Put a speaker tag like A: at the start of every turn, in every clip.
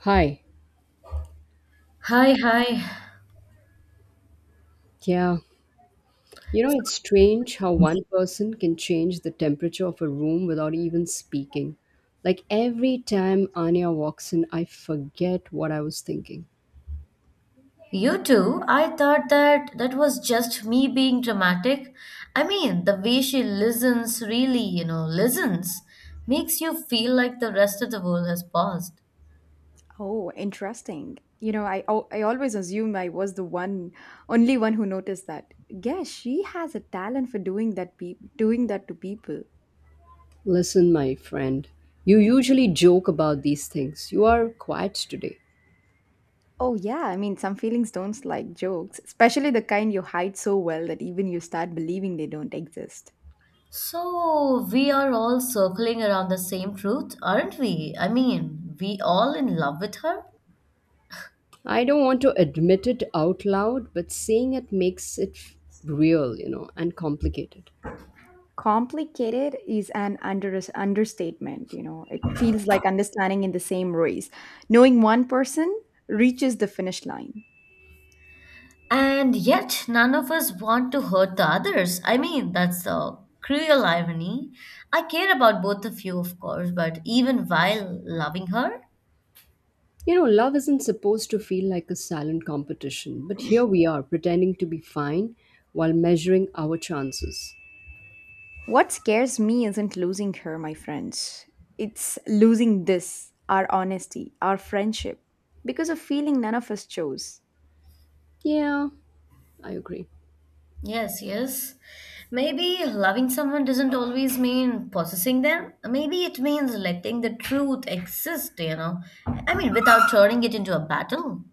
A: Hi.
B: Hi, hi.
A: Yeah. You know, it's strange how one person can change the temperature of a room without even speaking. Like every time Anya walks in, I forget what I was thinking.
B: You too? I thought that was just me being dramatic. I mean, the way she listens, really, you know, listens, makes you feel like the rest of the world has paused.
C: Oh, interesting. You know, I always assume I was the one, only one who noticed that. Guess she has a talent for doing that to people.
A: Listen, my friend, you usually joke about these things. You are quiet today.
C: Oh yeah, I mean, some feelings don't like jokes, especially the kind you hide so well that even you start believing they don't exist.
B: So, we are all circling around the same truth, aren't we? I mean, we all in love with her?
A: I don't want to admit it out loud, but saying it makes it real, you know, and complicated.
C: Complicated is an understatement. You know, it feels like understanding in the same race. Knowing one person reaches the finish line.
B: And yet, none of us want to hurt the others. I mean, that's the cruel irony. I care about both of you, of course, but even while loving her?
A: You know, love isn't supposed to feel like a silent competition, but here we are pretending to be fine while measuring our chances.
C: What scares me isn't losing her, my friends. It's losing this, our honesty, our friendship, because of feeling none of us chose.
A: Yeah, I agree.
B: Yes, yes. Maybe loving someone doesn't always mean possessing them. Maybe it means letting the truth exist, you know. I mean, without turning it into a battle.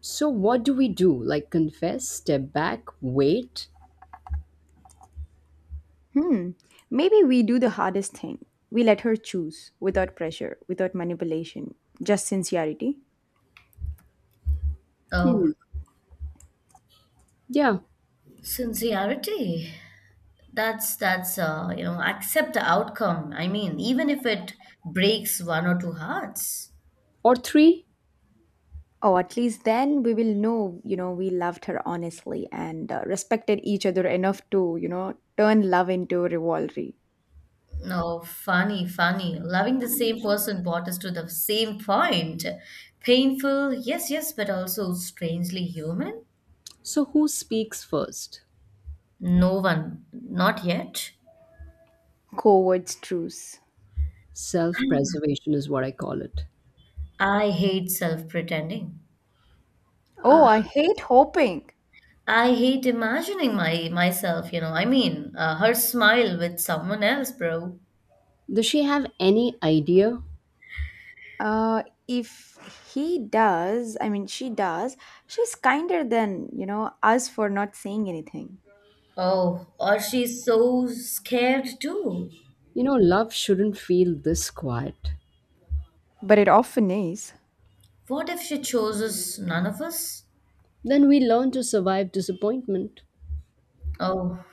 A: So, what do we do? Like, confess, step back, wait?
C: Hmm, maybe we do the hardest thing. We let her choose without pressure, without manipulation, just sincerity.
B: Oh,
A: Hmm. Yeah.
B: sincerity. That's you know, accept the outcome. I mean, even if it breaks one or two hearts.
A: Or three?
C: Oh, at least then we will know, you know, we loved her honestly and respected each other enough to, you know, turn love into rivalry,
B: No, funny, funny. Loving the same person brought us to the same point. Painful, yes, yes, but also strangely human.
A: So, who speaks first?
B: No one, not yet.
C: covert truce.
A: Self preservation is what I call it.
B: I hate self-pretending.
C: Oh,
A: Ah,
C: I hate hoping.
B: I hate imagining my myself, you know. I mean, her smile with someone else, bro.
A: does she have any idea?
C: If he does, I mean, she does, she's kinder than, you know, us for not saying anything.
B: Oh, or she's so scared too.
A: You know, love shouldn't feel this quiet.
C: But it often is.
B: What if she chooses none of us?
A: Then we learn to survive disappointment.
B: Oh,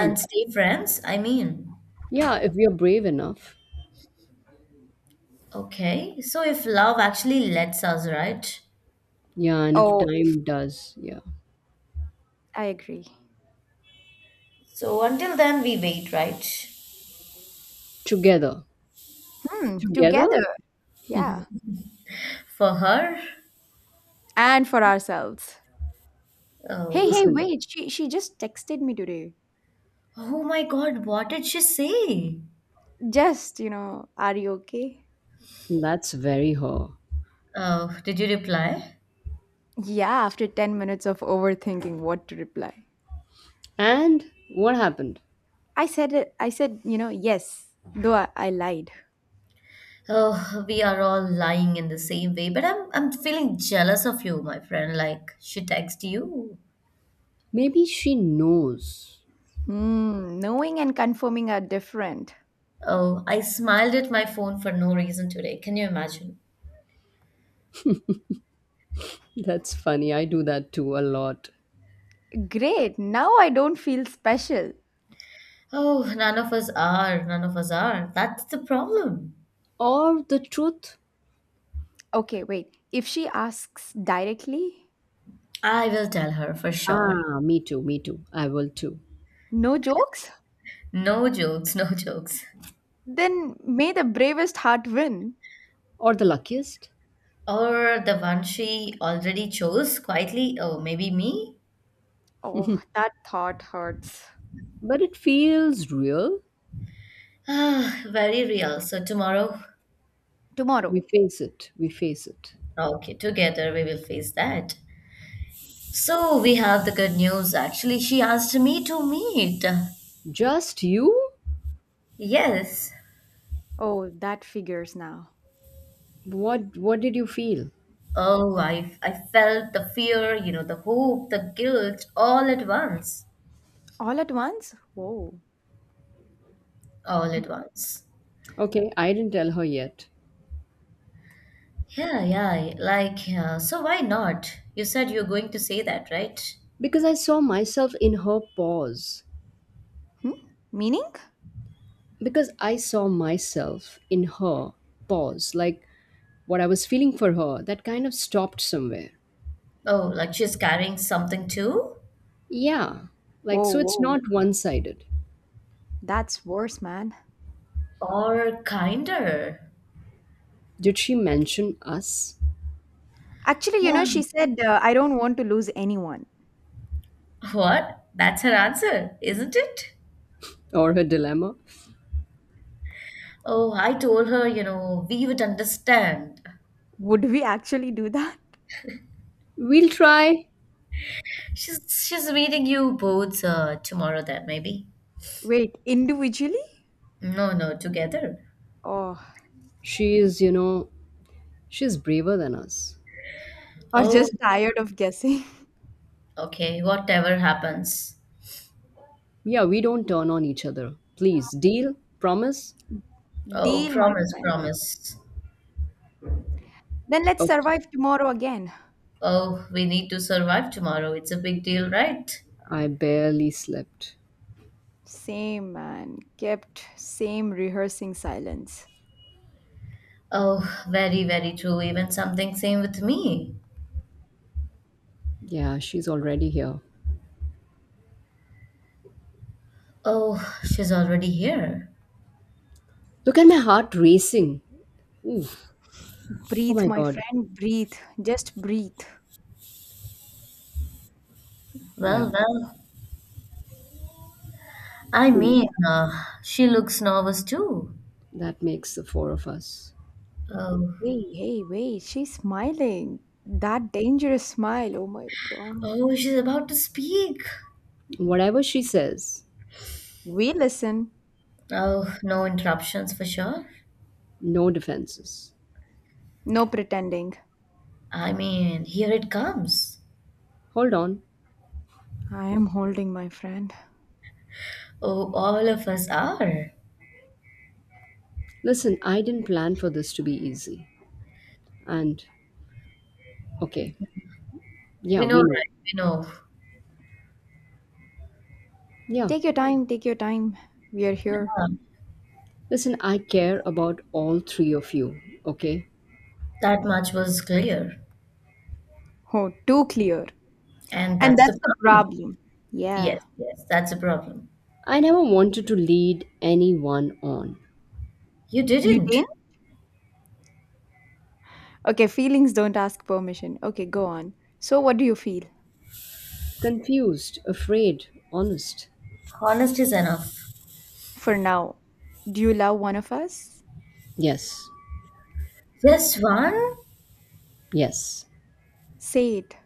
A: And
B: stay friends? I mean.
A: yeah, if we are brave enough.
B: Okay, so if love actually lets us, right?
A: Yeah, and if
C: Oh, if
A: time does, yeah.
C: I agree.
B: So until then, we wait, right?
A: Together.
C: Hmm,
A: Together?
C: together. Yeah.
B: For her?
C: And for ourselves.
B: Oh,
C: Hey, hey,
A: Listen,
C: wait. She just texted me today.
B: oh my God, what did she say?
C: Just, you know, are you okay?
A: that's very her.
B: Oh, did you reply?
C: Yeah, after 10 minutes of overthinking what to reply.
A: And what happened?
C: I said, you know, yes, though I lied.
B: Oh, we are all lying in the same way, but I'm feeling jealous of you, my friend. Like she texted you.
A: Maybe she knows.
C: Hmm, knowing and confirming are different.
B: Oh, I smiled at my phone for no reason today. Can you imagine?
A: That's funny. I do that too a lot.
C: Great. Now I don't feel special.
B: Oh, none of us are. None of us are. That's the problem.
A: Or the truth?
C: Okay, wait. If she asks directly,
B: I will tell her for sure.
A: Ah, me too. I will too.
C: no jokes,
B: No jokes, no jokes.
C: then may the bravest heart win.
A: Or the luckiest?
B: Or the one she already chose quietly. Oh, maybe me?
C: Oh, that thought hurts.
A: But it feels real.
B: Ah, very real. So tomorrow,
C: Tomorrow.
A: We face it. We face it.
B: okay, together we will face that. So we have the good news. Actually, she asked me to meet.
A: Just you?
B: Yes.
C: Oh, that figures now.
A: What did you feel?
B: Oh, I felt the fear, you know, the hope, the guilt, all at once.
C: All at once? Whoa.
B: All at once.
A: Okay, I didn't tell her yet
B: Yeah, yeah. Like, so why not? You said you're going to say that, right?
A: because I saw myself in her pause.
C: Hmm? Meaning?
A: Because I saw myself in her pause, like what I was feeling for her, that kind of stopped somewhere.
B: Oh, like she's carrying something too?
A: Yeah, like
C: Whoa,
A: so it's
C: whoa.
A: not one sided.
C: That's worse, man.
B: Or kinder?
A: Did she mention us
C: Actually, you know,
B: Wow.
C: she said, I don't want to lose anyone.
B: What? That's her answer, isn't it?
A: or her dilemma?
B: Oh, I told her, you know, we would understand.
C: Would we actually do that?
A: We'll try.
B: She's she's meeting you both tomorrow then, maybe.
C: Wait, individually?
B: No, no, together.
C: Oh,
A: She is, you know, she's braver than us.
C: or
B: Oh,
C: just tired of guessing?
B: okay, whatever happens.
A: Yeah, we don't turn on each other. Please, deal, promise.
B: Oh,
C: Deal, my
B: promise,
C: friend.
B: promise.
C: Then let's
A: Okay,
C: survive tomorrow again.
B: Oh, we need to survive tomorrow. It's a big deal, right?
A: I barely slept.
C: Same man, kept same rehearsing silence.
B: Oh, very, very true. Even something same with me.
A: Yeah, she's already here.
B: Oh, she's already here.
A: Look at my heart racing. Oof. Oh
C: Breathe,
A: my
C: my
A: God.
C: friend, breathe. Just breathe.
A: Yeah.
B: Well, well, I
A: She
B: mean, she looks nervous too.
A: That makes the four of us.
B: Oh,
C: Hey, hey, wait, she's smiling. That dangerous smile. Oh my god.
B: oh, she's about to speak.
A: Whatever she says,
C: We listen.
B: Oh, no interruptions for sure.
A: no defenses.
C: No pretending.
B: I mean, here it comes.
A: Hold on.
C: I am holding my friend.
B: Oh, all of us are.
A: Listen, I didn't plan for this to be easy. And, okay, yeah,
B: We know,
A: we know.
B: right? We know.
A: Yeah.
C: Take your time, take your time. We are
B: Yeah,
C: here.
A: Listen, I care about all three of you, okay?
B: that much was clear.
C: Oh, too clear.
B: And
C: And
B: that's
C: that's
B: the
C: the
B: problem.
C: problem.
B: Yes,
C: Yeah.
B: yes, that's the problem.
A: I never wanted to lead anyone on.
B: You
C: You
B: didn't.
C: didn't? Okay, feelings don't ask permission. Okay, go on. So, what do you feel?
A: Confused, afraid, honest.
B: Honest is enough.
C: For now, do you love one of us?
A: Yes,
B: Just one?
A: yes.
C: Say it,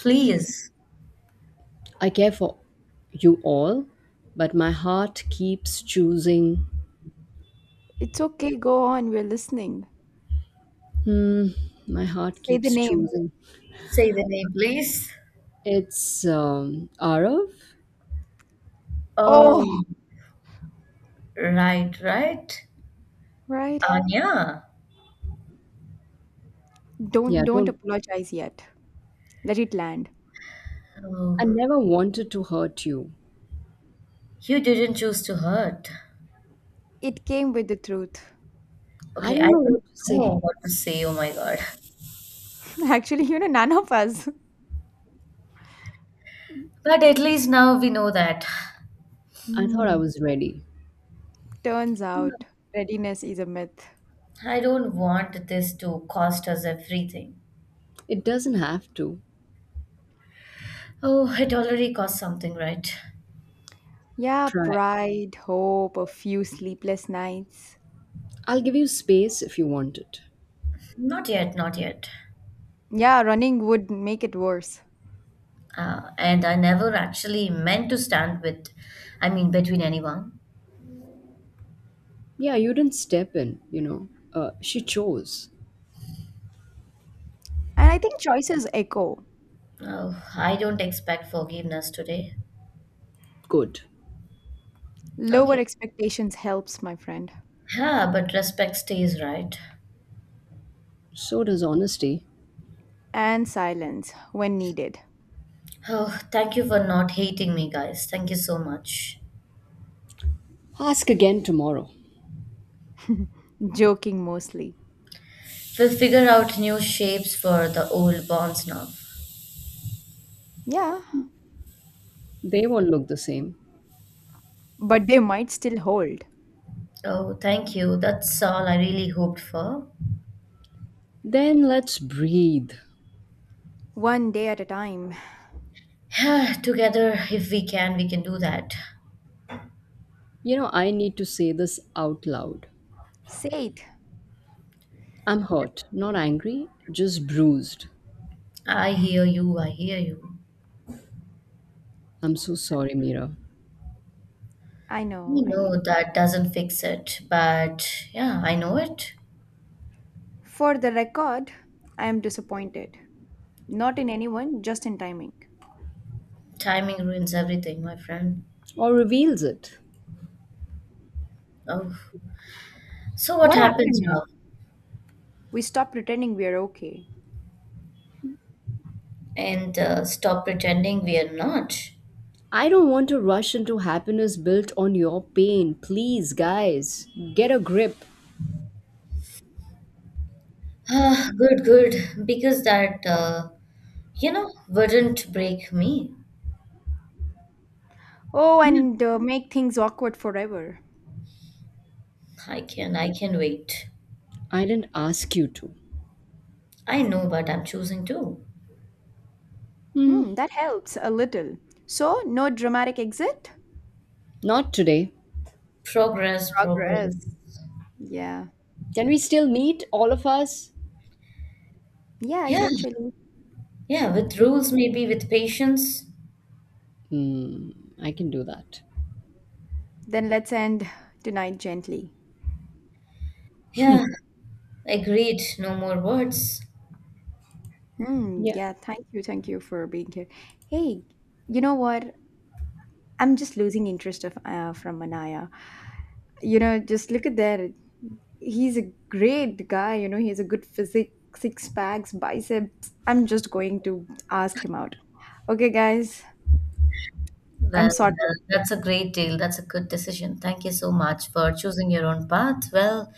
C: please.
A: I care for you all, but my heart keeps choosing.
C: It's okay, go on, we're listening.
A: Hmm, my heart
C: Say the
A: keeps
C: name.
A: choosing.
B: Say the name, please.
A: It's Arav.
C: Oh,
B: Oh, right, right.
C: right.
B: Anya.
C: Don't
A: Yeah,
C: don't
A: don't.
C: apologize yet. Let it land.
B: Oh,
A: I never wanted to hurt you.
B: you didn't choose to hurt.
C: It came with the truth.
A: I
B: Okay, I
A: don't know
B: don't
A: what to say.
B: know what to say. Oh my God.
C: Actually, you know, none of us.
B: But at least now we know that.
A: I thought I
C: Hmm.
A: was ready.
C: Turns out readiness is a myth.
B: I don't want this to cost us everything.
A: It doesn't have to.
B: Oh, it already cost something, right?
C: Yeah,
A: Try.
C: pride, hope, a few sleepless nights.
A: I'll give you space if you want it.
B: Not yet, not yet.
C: Yeah, running would make it worse.
B: And I never actually meant to stand with, I mean, between anyone.
A: Yeah, you didn't step in, you know. She chose.
C: And I think choices echo.
B: Oh, I don't expect forgiveness today.
A: Good.
C: Lower
B: Okay.
C: expectations helps, my friend.
B: Yeah, but respect stays, right?
A: So does honesty.
C: And silence when needed,
B: Oh, thank you for not hating me, guys. Thank you so much.
A: Ask again tomorrow.
C: joking mostly.
B: We'll figure out new shapes for the old bonds now.
C: Yeah,
A: They won't look the same.
C: but they might still hold.
B: Oh, thank you. That's all I really hoped for.
A: Then let's breathe.
C: One day at a time.
B: Yeah, together, if we can, we can do that.
A: You know, I need to say this out loud.
C: Say it.
A: I'm hurt, not angry, just bruised.
B: I hear you. I hear you.
A: I'm so sorry, Mira.
C: I know,
B: You
C: I mean.
B: know that doesn't fix it, but yeah, I know it.
C: For the record, I am disappointed. Not in anyone, just in timing.
B: Timing ruins everything, my friend.
A: Or reveals it.
B: Oh, so what
C: What
B: happens
C: happened now?
B: now?
C: We stopped pretending we are okay.
B: And stop pretending we are not.
A: I don't want to rush into happiness built on your pain. Please, guys, get a grip.
B: Ah, good, good. Because that you know, wouldn't break me.
C: Oh,
A: Yeah.
C: and make things awkward forever.
B: I can wait.
A: I didn't ask you to.
B: I know but I'm choosing to.
A: Hmm.
C: Hmm, that helps a little. So, no dramatic exit?
A: Not today.
B: Progress, progress.
C: Progress. Yeah.
A: Can we still meet, all of us?
C: Yeah,
B: Yeah,
C: eventually.
B: yeah, with
C: With-
B: rules, maybe with patience.
A: Hmm. I can do that.
C: Then let's end tonight gently.
B: Yeah, agreed. No more words.
C: Hmm.
A: Yeah.
C: Yeah. Thank you. Thank you for being here. Hey, you know what? I'm just losing interest of from Manaya. You know, just look at that. He's a great guy. You know, he has a good physique, six packs, biceps. I'm just going to ask him out. Okay, guys. I'm
B: Well,
C: sorted.
B: well, that's a great deal. That's a good decision. Thank you so much for choosing your own path. Well,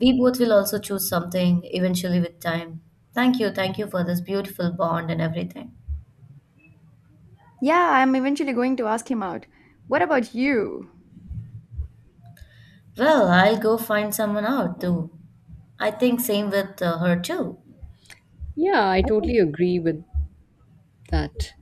B: we both will also choose something eventually with time. Thank you. Thank you for this beautiful bond and everything.
C: Yeah, I'm eventually going to ask him out. What about you?
B: Well, I'll go find someone out to I think same with her too.
A: Yeah, I totally agree with that.